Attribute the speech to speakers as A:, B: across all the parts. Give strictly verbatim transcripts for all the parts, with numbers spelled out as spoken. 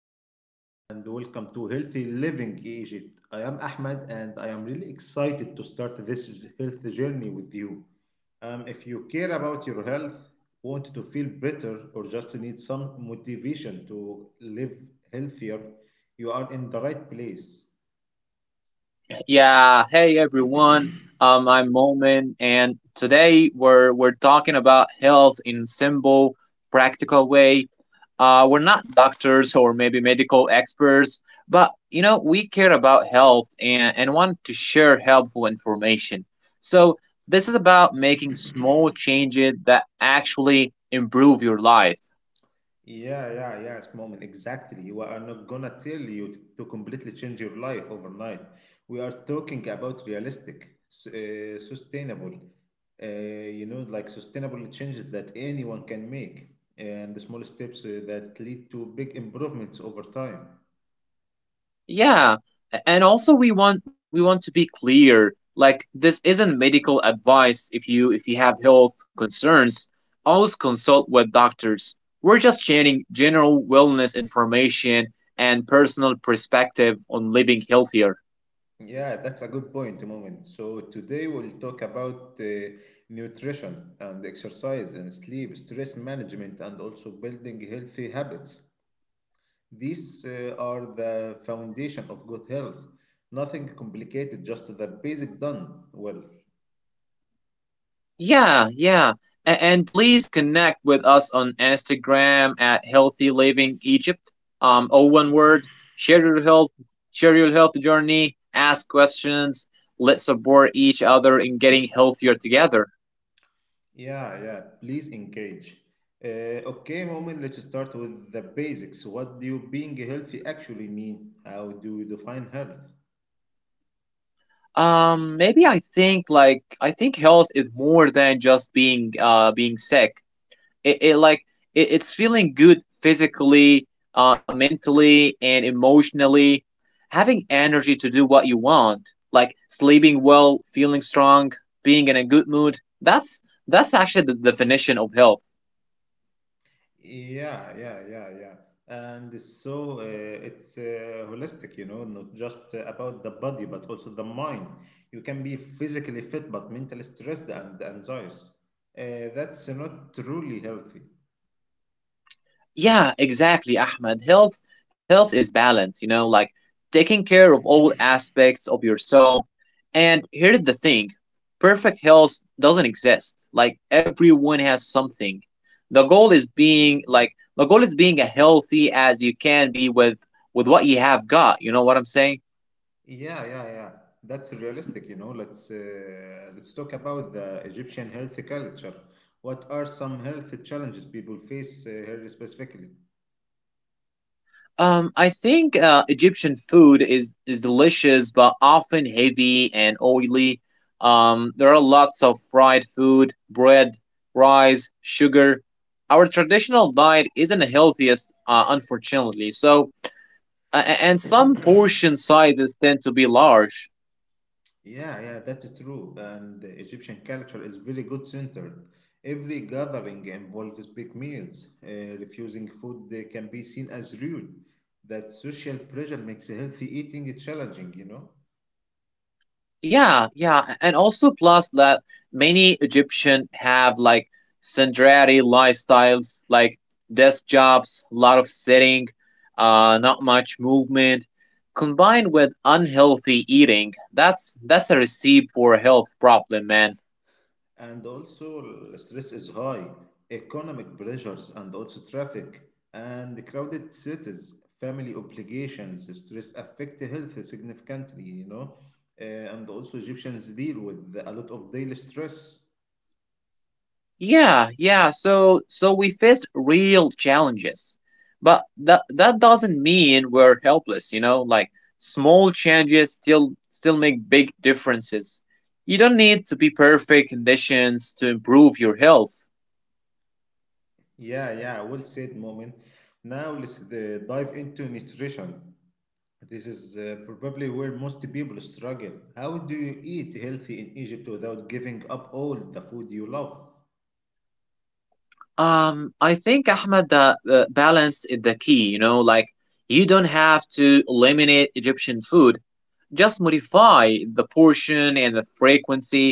A: everyone, and welcome to Healthy Living Egypt. I am Ahmed, and I am really excited to start this j- health journey with you. Um, if you care about your health, want to feel better, or just need some motivation to live healthier, you are in the right place.
B: Yeah, hey everyone. Um, I'm Momin, and today we're we're talking about health in simple, practical way. Uh, we're not doctors or maybe medical experts, but you know we care about health and and want to share helpful information. So this is about making small changes that actually improve your life.
A: Yeah, yeah, yeah, it's moment. Exactly. We are not gonna tell you t- to completely change your life overnight. We are talking about realistic, s- uh, sustainable, uh, you know, like sustainable changes that anyone can make, and the small steps uh, that lead to big improvements over time.
B: Yeah, a- and also we want we want to be clear. Like this isn't medical advice. If you if you have health concerns, always consult with doctors. We're just sharing general wellness information and personal perspective on living healthier.
A: Yeah, that's a good point, moment. So today we'll talk about uh, nutrition and exercise and sleep, stress management, and also building healthy habits. These uh, are the foundation of good health. Nothing complicated, just the basic done well.
B: Yeah, yeah. A- and please connect with us on Instagram at Healthy Living Egypt. Um, all one word. Share your health, share your health journey. Ask questions. Let's support each other in getting healthier together.
A: Yeah, yeah, please engage. Uh, okay, moment, let's start with the basics. What do being healthy actually mean? How do you define health?
B: Um, maybe I think like I think health is more than just being uh being sick. it, it like it, it's feeling good physically, uh, mentally and emotionally, having energy to do what you want, like sleeping well, feeling strong, being in a good mood. That's that's actually the definition of health.
A: Yeah, yeah, yeah, yeah. And so uh, it's uh, holistic, you know, not just about the body, but also the mind. You can be physically fit, but mentally stressed and anxious. Uh, that's not truly healthy.
B: Yeah, exactly, Ahmed. Health health is balance, you know, like taking care of all aspects of yourself. And here's the thing, perfect health doesn't exist. Like everyone has something. The goal is being like the goal is being as healthy as you can be with with what you have got. You know what I'm saying?
A: Yeah, yeah, yeah. That's realistic, you know. Let's uh, let's talk about the Egyptian health culture. What are some health challenges people face uh, here specifically?
B: Um, I think uh, Egyptian food is is delicious, but often heavy and oily. Um, there are lots of fried food, bread, rice, sugar. Our traditional diet isn't the healthiest, uh, unfortunately. So, uh, and some portion sizes tend to be large.
A: Yeah, yeah, that's true. And the Egyptian culture is very good centered. Every gathering involves big meals. Uh, refusing food uh, can be seen as rude. That social pressure makes healthy eating challenging, you know.
B: Yeah, yeah, and also plus that many Egyptian have like sedentary lifestyles, like desk jobs, a lot of sitting, uh, not much movement, combined with unhealthy eating. That's that's a recipe for a health problem, man.
A: And also, l- stress is high, economic pressures, and also traffic and crowded cities, family obligations, stress affect health significantly, you know. Uh, and also, Egyptians deal with a lot of daily stress.
B: Yeah, yeah. So so we faced real challenges. But that that doesn't mean we're helpless, you know? Like small changes still still make big differences. You don't need to be perfect conditions to improve your health.
A: Yeah, yeah, well said, Moment. Now let's uh, dive into nutrition. This is uh, probably where most people struggle. How do you eat healthy in Egypt without giving up all the food you love?
B: Um I think, Ahmed, the uh, balance is the key, you know? Like you don't have to eliminate Egyptian food. Just modify the portion and the frequency.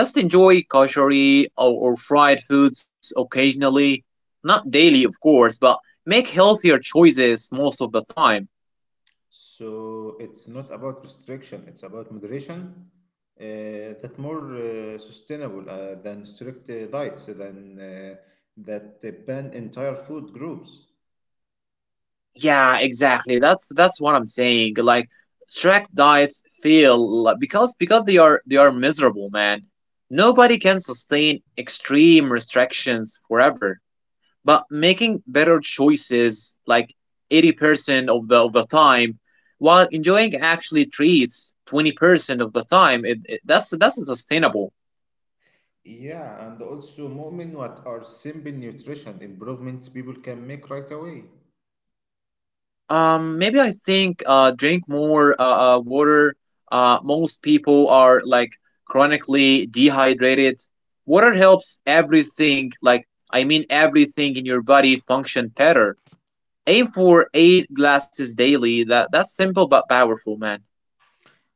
B: Just enjoy kashari or, or fried foods occasionally. Not daily, of course, but make healthier choices most of the time.
A: So it's not about restriction, it's about moderation. Uh, that more uh, sustainable uh, than strict uh, diets than uh, that uh, ban entire food groups.
B: Yeah, exactly. That's that's what I'm saying. Like strict diets fail, like, because because they are they are miserable, man. Nobody can sustain extreme restrictions forever. But making better choices like eighty percent of the of the time while enjoying actually treats twenty percent of the time, it, it- that's that's sustainable.
A: Yeah, and also moment what are simple nutrition improvements people can make right away.
B: Um maybe I think uh drink more uh, uh water. Uh most people are like chronically dehydrated. Water helps everything, like I mean everything in your body function better. Aim for eight glasses daily. That that's simple but powerful, man.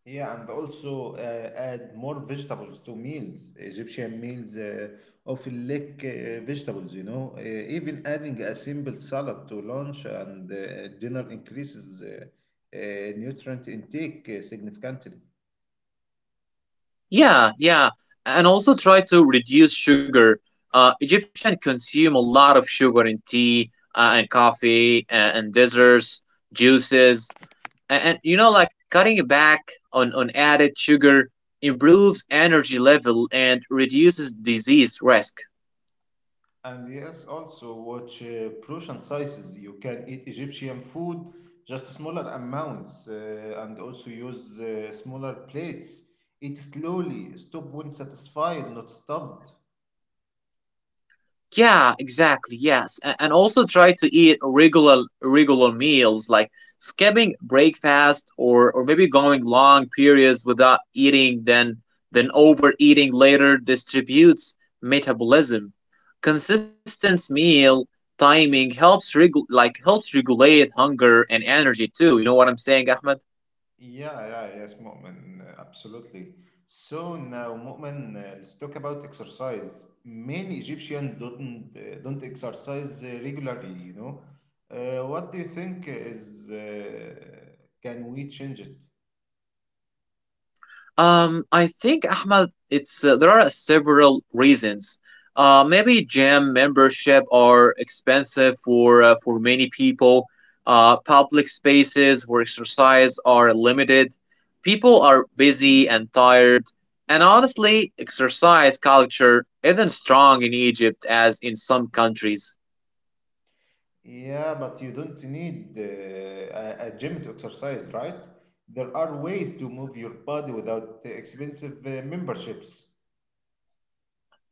A: Yeah, and also uh, add more vegetables to meals. Egyptian meals uh, often lack uh, vegetables, you know. Uh, Even adding a simple salad to lunch and uh, dinner increases uh, uh, nutrient intake uh, significantly.
B: Yeah, yeah. And also try to reduce sugar. Uh, Egyptian consume a lot of sugar in tea uh, and coffee and, and desserts, juices. And, and you know, like cutting back on, on added sugar improves energy level and reduces disease risk.
A: And yes, also watch uh, portion sizes. You can eat Egyptian food just smaller amounts uh, and also use uh, smaller plates. Eat slowly, stop when satisfied, not stuffed.
B: Yeah, exactly. Yes, and, and also try to eat regular regular meals, like skipping breakfast or or maybe going long periods without eating. Then then overeating later distributes metabolism. Consistent meal timing helps regu- like helps regulate hunger and energy too. You know what I'm saying, Ahmed?
A: Yeah, yeah, yes, Mu'min, uh, absolutely. So now, Mu'min, uh, let's talk about exercise. Many Egyptians don't uh, don't exercise uh, regularly, you know. Uh, What do you think is uh, can we change it?
B: Um, I think, Ahmad, it's uh, there are several reasons. Uh, maybe gym membership are expensive for uh, for many people. Uh, public spaces for exercise are limited. People are busy and tired. And honestly, exercise culture isn't strong in Egypt as in some countries.
A: Yeah, but you don't need uh, a, a gym to exercise, right? There are ways to move your body without uh, expensive uh, memberships.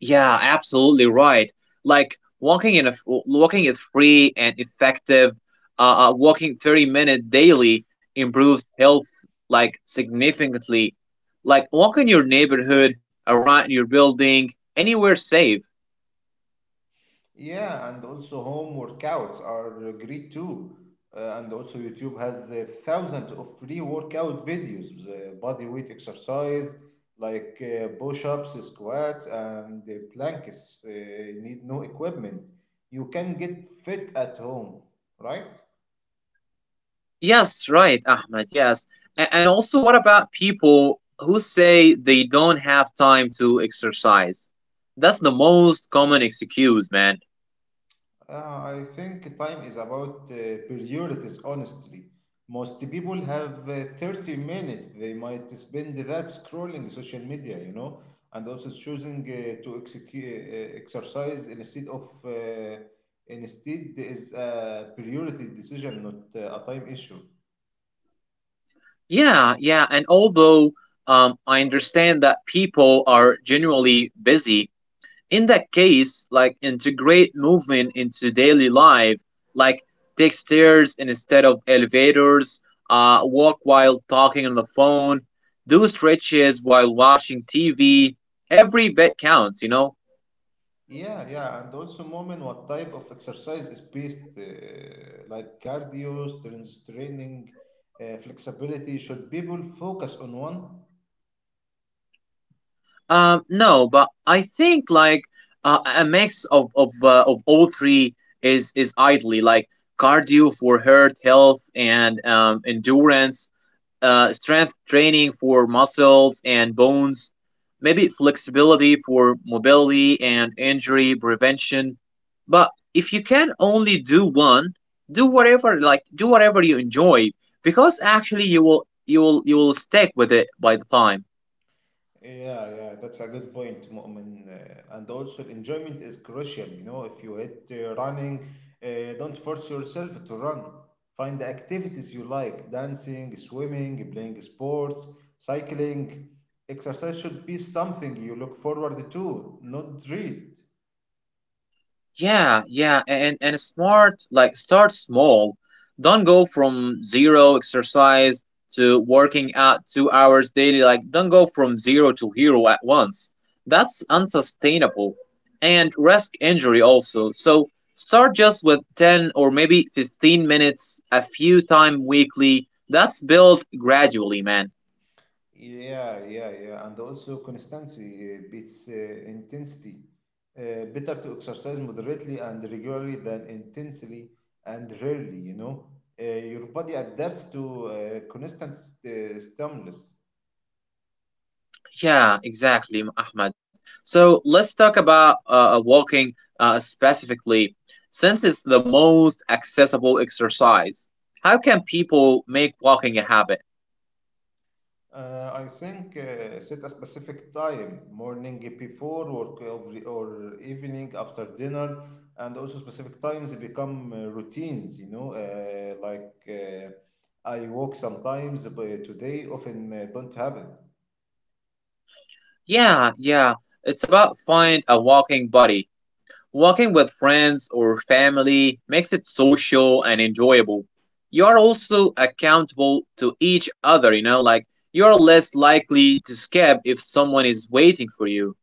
B: Yeah, absolutely right. Like walking in a f- walking is free and effective. Uh, uh, walking thirty minute daily improves health like significantly. Like walk in your neighborhood, around your building, anywhere safe.
A: Yeah, and also home workouts are great too. Uh, and also YouTube has uh, thousands of free workout videos, uh, body weight exercise like uh, push-ups, squats, and uh, planks. Uh, need no equipment. You can get fit at home, right?
B: Yes, right, Ahmed. Yes, A- and also what about people who say they don't have time to exercise? That's the most common excuse, man.
A: Uh, I think time is about uh, priorities, honestly. Most people have uh, thirty minutes. They might spend that scrolling social media, you know, and also choosing uh, to execute, uh, uh, exercise instead of uh, instead is a priority decision, not uh, a time issue.
B: Yeah, yeah. And although um, I understand that people are generally busy, in that case, like integrate movement into daily life, like take stairs instead of elevators, uh, walk while talking on the phone, do stretches while watching T V. Every bit counts, you know?
A: Yeah, yeah, and also moment what type of exercise is best, uh, like cardio, strength training, uh, flexibility. Should people focus on one?
B: Um, no, but I think like uh, a mix of of uh, of all three is is ideally, like cardio for heart health and um, endurance, uh, strength training for muscles and bones, maybe flexibility for mobility and injury prevention. But if you can only do one, do whatever like do whatever you enjoy because actually you will you will you will stick with it by the time.
A: Yeah, yeah, that's a good point, Mu'min. Uh, and also, enjoyment is crucial. You know, if you hate uh, running, uh, don't force yourself to run. Find the activities you like, dancing, swimming, playing sports, cycling. Exercise should be something you look forward to, not dread.
B: Yeah, yeah, and and smart, like start small. Don't go from zero exercise to working out two hours daily. Like don't go from zero to hero at once. That's unsustainable and risk injury also. So start just with ten or maybe fifteen minutes a few time weekly. That's built gradually, man.
A: Yeah, yeah, yeah. And also consistency uh, beats uh, intensity. Uh, better to exercise moderately and regularly than intensely and rarely, you know. Uh, your body adapts to uh, constant st- stimulus.
B: Yeah, exactly, Ahmed. So let's talk about uh, uh, walking uh, specifically, since it's the most accessible exercise. How can people make walking a habit?
A: Uh, I think uh, set a specific time, morning before work or, or evening after dinner, and also specific times become uh, routines, you know, uh, like uh, I walk sometimes, but today often uh, don't have it.
B: Yeah, yeah, it's about find a walking buddy. Walking with friends or family makes it social and enjoyable. You are also accountable to each other, you know, like you're less likely to skip if someone is waiting for you.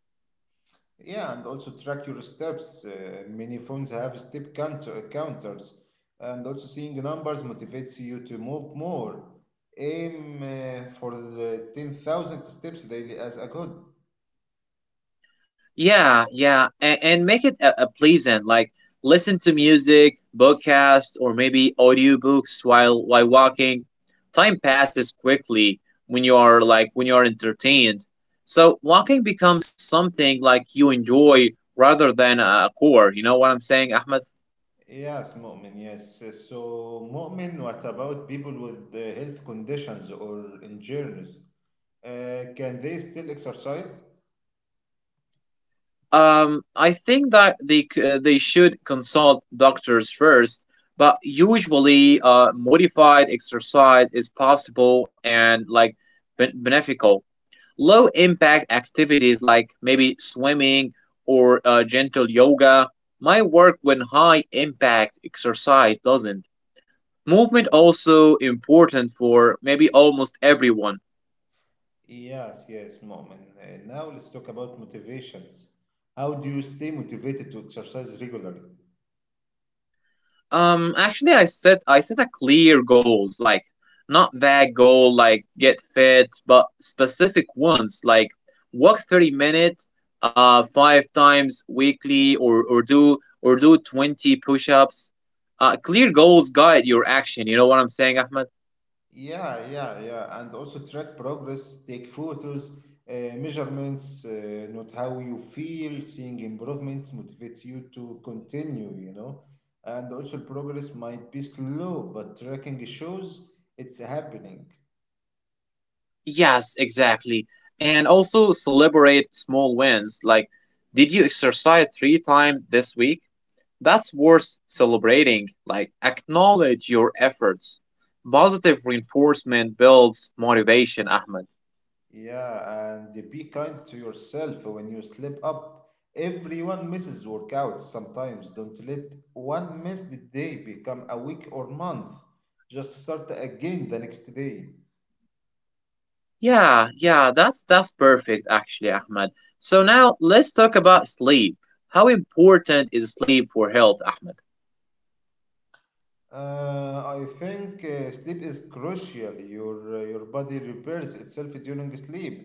A: Yeah, and also track your steps. Uh, many phones have step counter counters, and also seeing numbers motivates you to move more. Aim uh, for the ten thousand steps daily as a good.
B: Yeah, yeah, and, and make it a, a pleasant. Like listen to music, podcasts, or maybe audiobooks while while walking. Time passes quickly when you are like when you are entertained. So walking becomes something like you enjoy rather than a chore. You know what I'm saying, Ahmed?
A: Yes, Mu'min, yes. Uh, So, Mu'min, what about people with uh, health conditions or injuries? Uh, can they still exercise?
B: Um, I think that they c- uh, they should consult doctors first. But usually, uh, modified exercise is possible and like ben- beneficial. Low impact activities like maybe swimming or uh, gentle yoga might work when high impact exercise doesn't. Movement also important for maybe almost everyone.
A: Yes, yes, Mu'min. Uh, now let's talk about motivations. How do you stay motivated to exercise regularly?
B: Um, actually, I set I set a clear goals, like not vague goal like get fit, but specific ones like walk thirty minutes, uh, five times weekly, or or do or do twenty push-ups. Uh, clear goals guide your action. You know what I'm saying, Ahmed?
A: Yeah, yeah, yeah. And also track progress, take photos, uh, measurements, uh, note how you feel, seeing improvements motivates you to continue, you know. And also progress might be slow, but tracking shows it's happening.
B: Yes, exactly. And also celebrate small wins. Like, did you exercise three times this week? That's worth celebrating. Like, acknowledge your efforts. Positive reinforcement builds motivation, Ahmed.
A: Yeah, and be kind to yourself when you slip up. Everyone misses workouts sometimes. Don't let one missed day become a week or month. Just start again the next day.
B: Yeah, yeah, that's that's perfect actually, Ahmed. So now let's talk about sleep. How important is sleep for health, Ahmed?
A: Uh, I think uh, sleep is crucial. Your uh, your body repairs itself during sleep.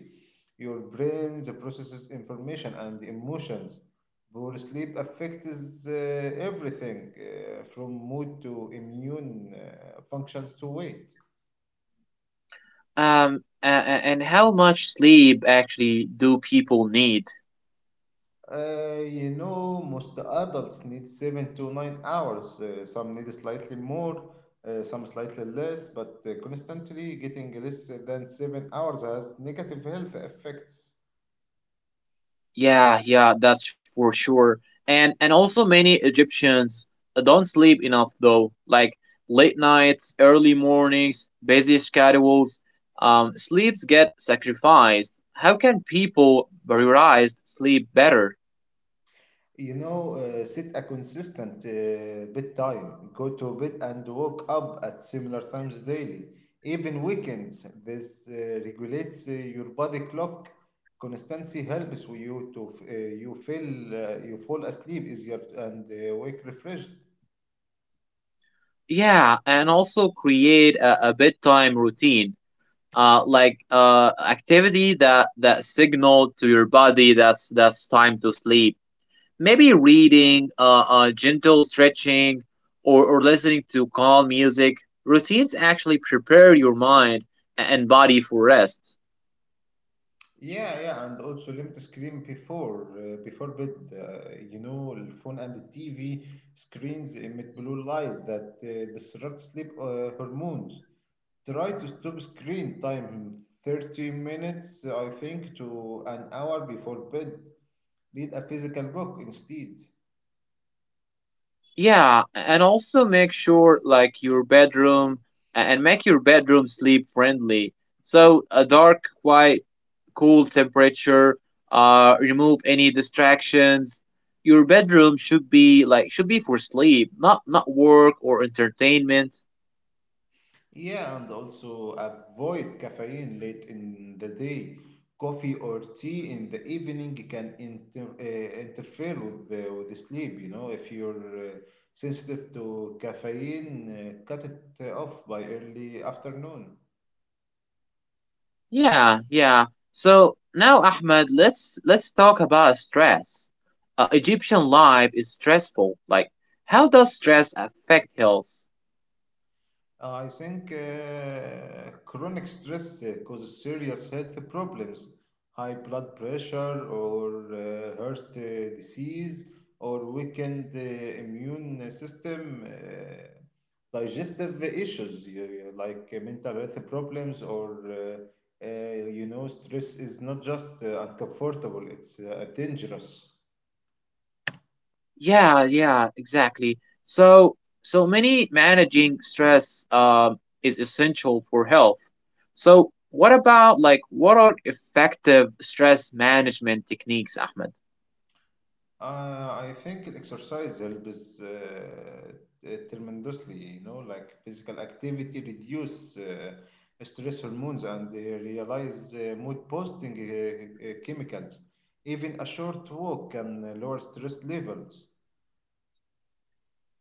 A: Your brain processes information and emotions. Poor sleep affects uh, everything, uh, from mood to immune uh, functions to weight.
B: Um, a- a- and how much sleep actually do people need?
A: Uh, you know, most adults need seven to nine hours. Uh, some need slightly more, uh, some slightly less, but uh, constantly getting less than seven hours has negative health effects.
B: Yeah, yeah, that's for sure. And and also many Egyptians uh, don't sleep enough though. Like late nights, early mornings, busy schedules, um, sleeps get sacrificed. How can people prioritize sleep better?
A: You know, uh, set a consistent uh, bedtime. Go to bed and wake up at similar times daily, even weekends. This uh, regulates uh, your body clock. Consistency helps you to f- uh, you feel uh, you fall asleep easier and uh, wake refreshed.
B: Yeah, and also create a, a bedtime routine. Uh, like uh, activity that that signal to your body that's that's time to sleep, maybe reading, uh, uh, gentle stretching, or, or listening to calm music. Routines actually prepare your mind and body for rest.
A: Yeah, yeah, and also limit screen before uh, before bed. Uh, you know, the phone and the T V screens emit blue light that uh, disrupt sleep uh, hormones. Try to stop screen time thirty minutes, I think, to an hour before bed. Read a physical book instead.
B: Yeah, and also make sure like your bedroom and make your bedroom sleep friendly. So a dark, quiet, cool temperature. Uh, remove any distractions. Your bedroom should be like should be for sleep, not not work or entertainment.
A: Yeah, and also avoid caffeine late in the day. Coffee or tea in the evening can inter, uh, interfere with the, with the sleep. You know, if you're uh, sensitive to caffeine, uh, cut it off by early afternoon.
B: Yeah, yeah. So now, Ahmed, let's let's talk about stress. Uh, Egyptian life is stressful. Like, how does stress affect health?
A: Uh, I think uh, chronic stress uh, causes serious health problems, high blood pressure or uh, heart uh, disease or weakened uh, immune system, uh, digestive issues you- you- like uh, mental health problems or uh, uh, you know stress is not just uh, uncomfortable, it's uh, dangerous.
B: Yeah, yeah, exactly. So, so many managing stress um is essential for health. So, what about like what are effective stress management techniques, Ahmed?
A: Uh, I think exercise helps uh, t- tremendously, you know, like physical activity reduce uh, stress hormones and uh, realize uh, mood boosting uh, uh, chemicals. Even a short walk can uh, lower stress levels.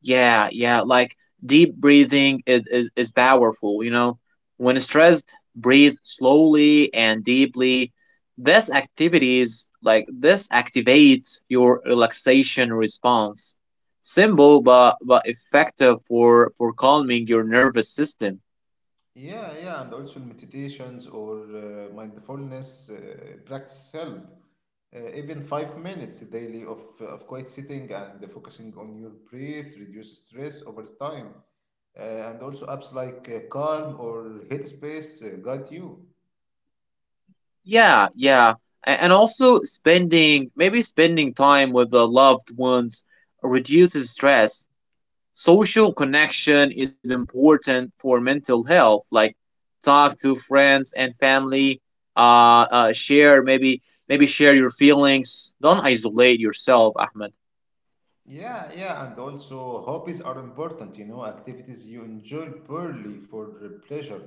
B: Yeah, yeah, like deep breathing is, is, is powerful, you know. When stressed, breathe slowly and deeply. This activities like this activates your relaxation response. Simple but but effective for for calming your nervous system.
A: Yeah, yeah, and also meditations or uh, mindfulness uh, practice help. Uh, even five minutes daily of, uh, of quiet sitting and focusing on your breath reduce stress over time. Uh, and also apps like uh, Calm or Headspace uh, guide you.
B: Yeah, yeah. A- And also spending maybe spending time with the loved ones reduces stress. Social connection is important for mental health. Like talk to friends and family, uh, uh share, maybe maybe share your feelings. Don't isolate yourself, Ahmed.
A: Yeah, yeah, and also hobbies are important, you know, activities you enjoy purely for the pleasure,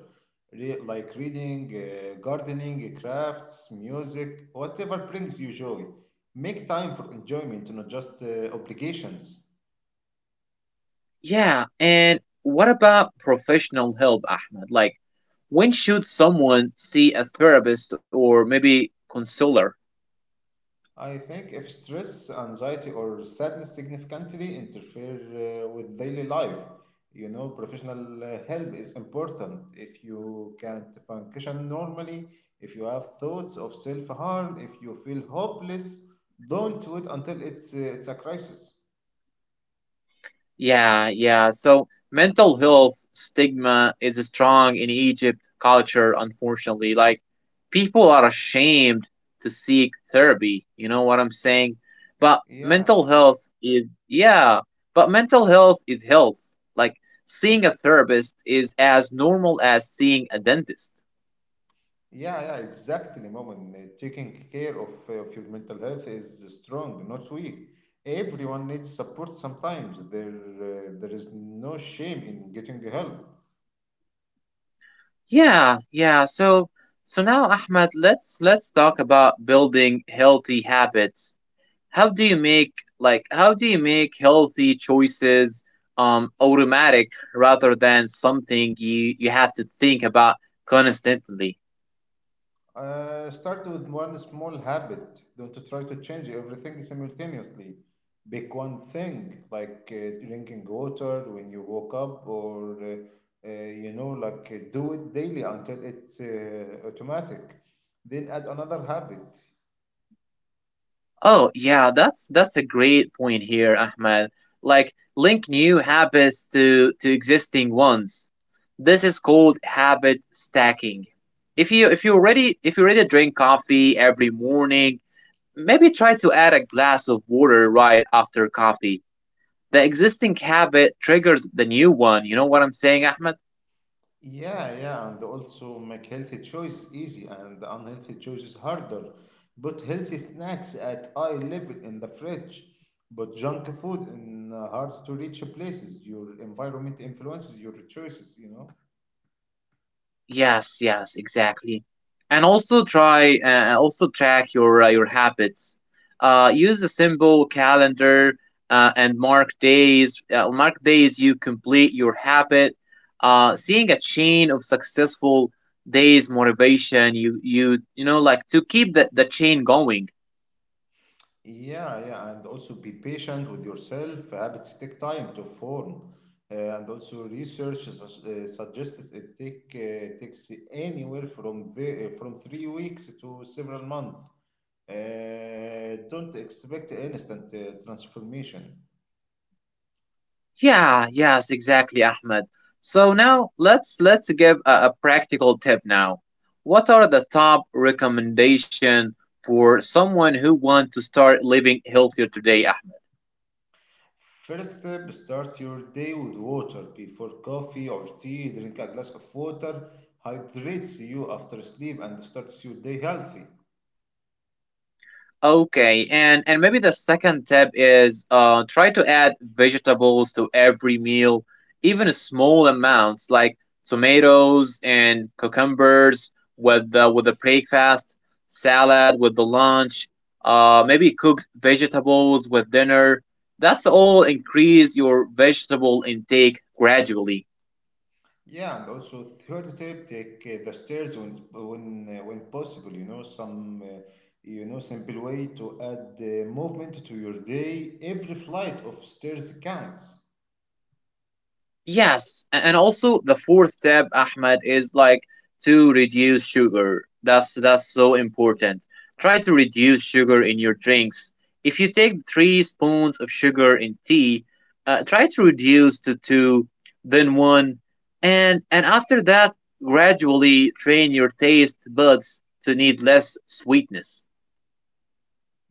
A: Re like reading, uh, gardening, crafts, music, whatever brings you joy. Make time for enjoyment, not just uh, obligations.
B: Yeah, and what about professional help, Ahmed? Like when should someone see a therapist or maybe counselor?
A: I think if stress, anxiety, or sadness significantly interfere uh, with daily life, you know, professional uh, help is important. If you can't function normally, if you have thoughts of self harm, if you feel hopeless, don't wait until it's, uh, it's a crisis.
B: Yeah, yeah. So mental health stigma is strong in Egypt culture, unfortunately. Like people are ashamed to seek therapy. You know what I'm saying? But
A: Yeah.
B: mental health is yeah, but mental health is health. Like seeing a therapist is as normal as seeing a dentist.
A: Yeah, yeah, exactly, Moment. Uh, Taking care of, uh, of your mental health is strong, not weak. Everyone needs support sometimes. There, uh, there is no shame in getting help.
B: Yeah, yeah. So so now, Ahmed, let's let's talk about building healthy habits. How do you make like how do you make healthy choices um automatic rather than something you you have to think about constantly?
A: Uh, start with one small habit. Don't try to change everything simultaneously. Pick one thing, like uh, drinking water when you woke up, or uh, uh, you know, like uh, do it daily until it's uh, automatic. Then add another habit.
B: Oh yeah, that's that's a great point here, Ahmed. Like link new habits to to existing ones. This is called habit stacking. If you if you already if you already drink coffee every morning, maybe try to add a glass of water right after coffee. The existing habit triggers the new one. You know what I'm saying, Ahmed?
A: Yeah, yeah, and also make healthy choices easy and unhealthy choices harder. Put healthy snacks at eye level in the fridge. Put junk food in uh, hard to reach places. Your environment influences your choices, you know?
B: Yes, yes, exactly. And also try uh, also track your uh, your habits. Uh, use a simple calendar uh, and mark days. Uh, mark days you complete your habit. Uh, seeing a chain of successful days motivation you you you know, like, to keep the, the chain going.
A: Yeah, yeah, and also be patient with yourself. Habits take time to form. Uh, and also research sus- uh, suggests it take uh, takes anywhere from the, uh, from three weeks to several months. Uh, don't expect instant uh, transformation.
B: Yeah, yes, exactly, Ahmed. So now let's let's give a, a practical tip now. What are the top recommendation for someone who wants to start living healthier today?
A: First step, start your day with water. Before coffee or tea, drink a glass of water. Hydrates you after sleep and starts your day healthy.
B: Okay, and and maybe the second tip is uh try to add vegetables to every meal, even small amounts like tomatoes and cucumbers with the with the breakfast, salad with the lunch, uh maybe cooked vegetables with dinner. That's all increase your vegetable intake gradually.
A: Yeah, and also third tip, take uh, the stairs when when uh, when possible. You know some uh, you know simple way to add uh, movement to your day. Every flight of stairs counts.
B: Yes, a- and also the fourth step, Ahmed, is like to reduce sugar. That's that's so important. Try to reduce sugar in your drinks. If you take three spoons of sugar in tea, uh, try to reduce to two, then one, and and after that, gradually train your taste buds to need less sweetness.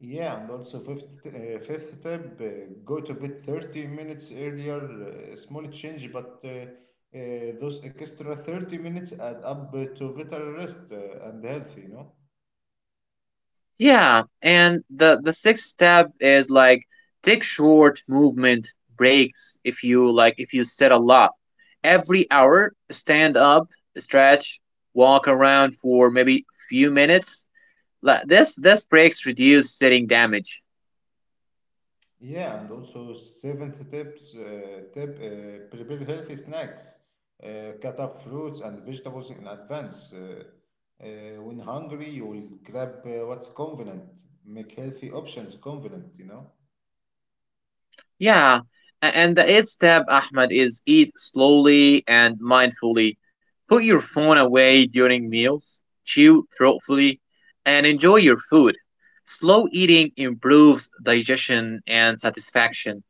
A: Yeah, and also fifth uh, fifth tip, uh, go to bed thirty minutes earlier. Uh, small change, but uh, uh, those extra thirty minutes add up uh, to better rest uh, and health, you know.
B: Yeah, and the the sixth step is like take short movement breaks if you like if you sit a lot. Every hour, stand up, stretch, walk around for maybe few minutes. Like this this breaks reduce sitting damage.
A: Yeah, and also seventh tips uh, tip uh, prepare healthy snacks, uh, cut up fruits and vegetables in advance. Uh, uh, when hungry, you will grab uh, what's convenient. Make healthy options convenient, you know.
B: Yeah, a- and the eighth step, Ahmed, is eat slowly and mindfully. Put your phone away during meals, chew thoughtfully, and enjoy your food. Slow eating improves digestion and satisfaction.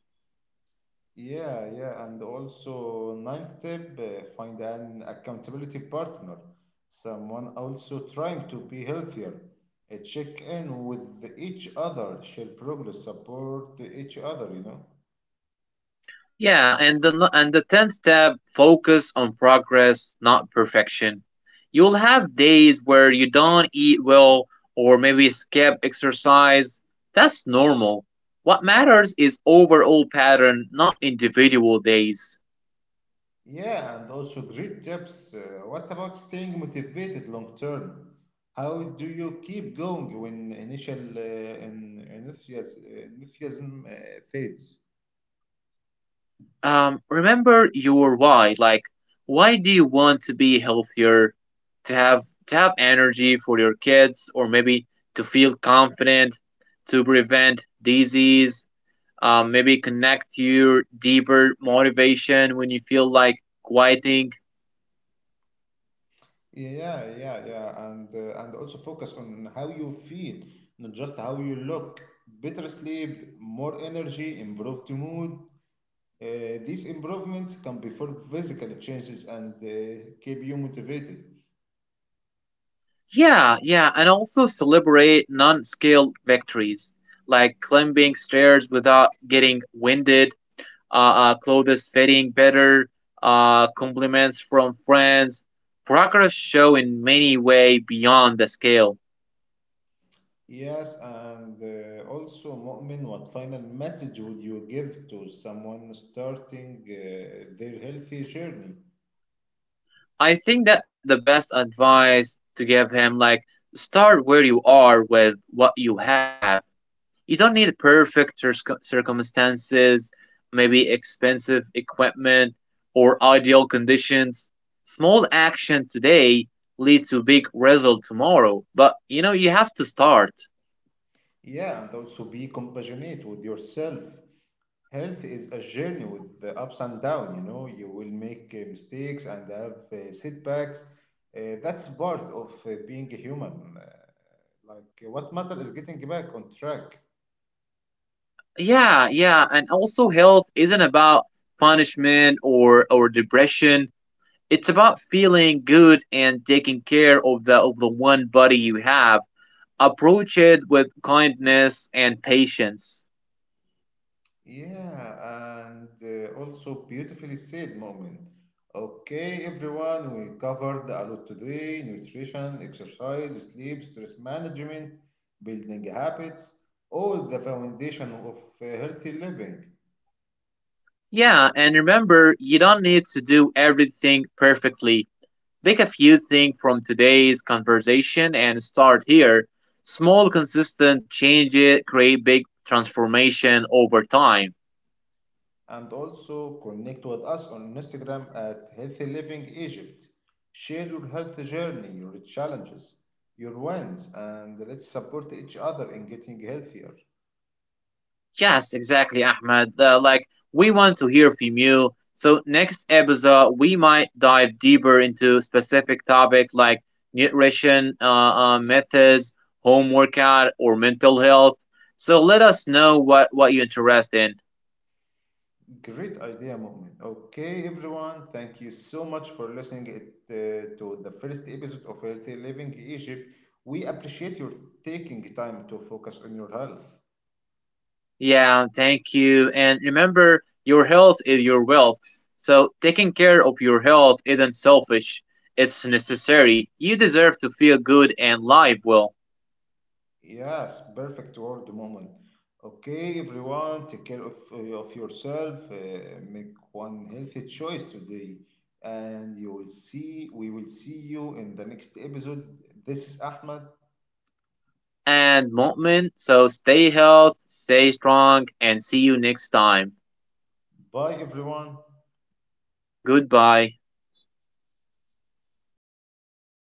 A: Yeah, yeah, and also ninth step, uh, find an accountability partner, someone also trying to be healthier. Uh, check in with each other, share progress, support each other, you know.
B: Yeah, and the no, and the tenth tab focus on progress, not perfection. You'll have days where you don't eat well or maybe skip exercise. That's normal. What matters is overall pattern, not individual days.
A: Yeah, and also great tips. Uh, what about staying motivated long term? How do you keep going when initial uh, en- enthusias- enthusiasm uh, fades?
B: Um, remember your why. Like, why do you want to be healthier? To have to have energy for your kids, or maybe to feel confident, to prevent disease, um, maybe connect your deeper motivation when you feel like quitting.
A: Yeah, yeah, yeah, and uh, and also focus on how you feel, not just how you look. Better sleep, more energy, improved mood. Uh, these improvements can be for physical changes and uh, keep you motivated.
B: Yeah, yeah, and also celebrate non scale victories like climbing stairs without getting winded, uh, uh, clothes fitting better, uh, compliments from friends. Progress show in many way beyond the scale.
A: Yes, and uh, also, Mu'min, what final message would you give to someone starting uh, their healthy journey?
B: I think that the best advice to give him like start where you are with what you have. You don't need perfect cir- circumstances, maybe expensive equipment or ideal conditions. Small action today leads to big result tomorrow, but you know you have to start.
A: Yeah, and also be compassionate with yourself. Health is a journey with the ups and downs, you know, you will make uh, mistakes and have uh, setbacks. Uh, that's part of uh, being a human. Uh, like, uh, what matters is getting back on track.
B: Yeah, yeah, and also health isn't about punishment or or depression. It's about feeling good and taking care of the of the one body you have. Approach it with kindness and patience.
A: Yeah, and uh, also beautifully said moment. Okay, everyone, we covered a lot today nutrition, exercise, sleep, stress management, building habits, all the foundation of uh, healthy living.
B: Yeah, and remember, you don't need to do everything perfectly. Pick a few things from today's conversation and start here. Small, consistent changes create big transformation over time.
A: And also connect with us on Instagram at Healthy Living Egypt. Share your health journey, your challenges, your wins, and let's support each other in getting healthier.
B: Yes, exactly, Ahmed. Uh, like, we want to hear from you. So, next episode, we might dive deeper into specific topic like nutrition uh, uh, methods, home workout, or mental health. So, let us know what, what you're interested in.
A: Great idea, Moment. Okay, everyone, thank you so much for listening it, uh, to the first episode of Healthy Living Egypt. We appreciate your taking time to focus on your health.
B: Yeah, thank you. And remember, your health is your wealth. So taking care of your health isn't selfish, it's necessary. You deserve to feel good and live well.
A: Yes, perfect word moment. Okay, everyone, take care of, uh, of yourself. Uh, make one healthy choice today, and you will see. We will see you in the next episode. This is Ahmed.
B: And Mu'min, so stay healthy, stay strong, and see you next time.
A: Bye, everyone.
B: Goodbye.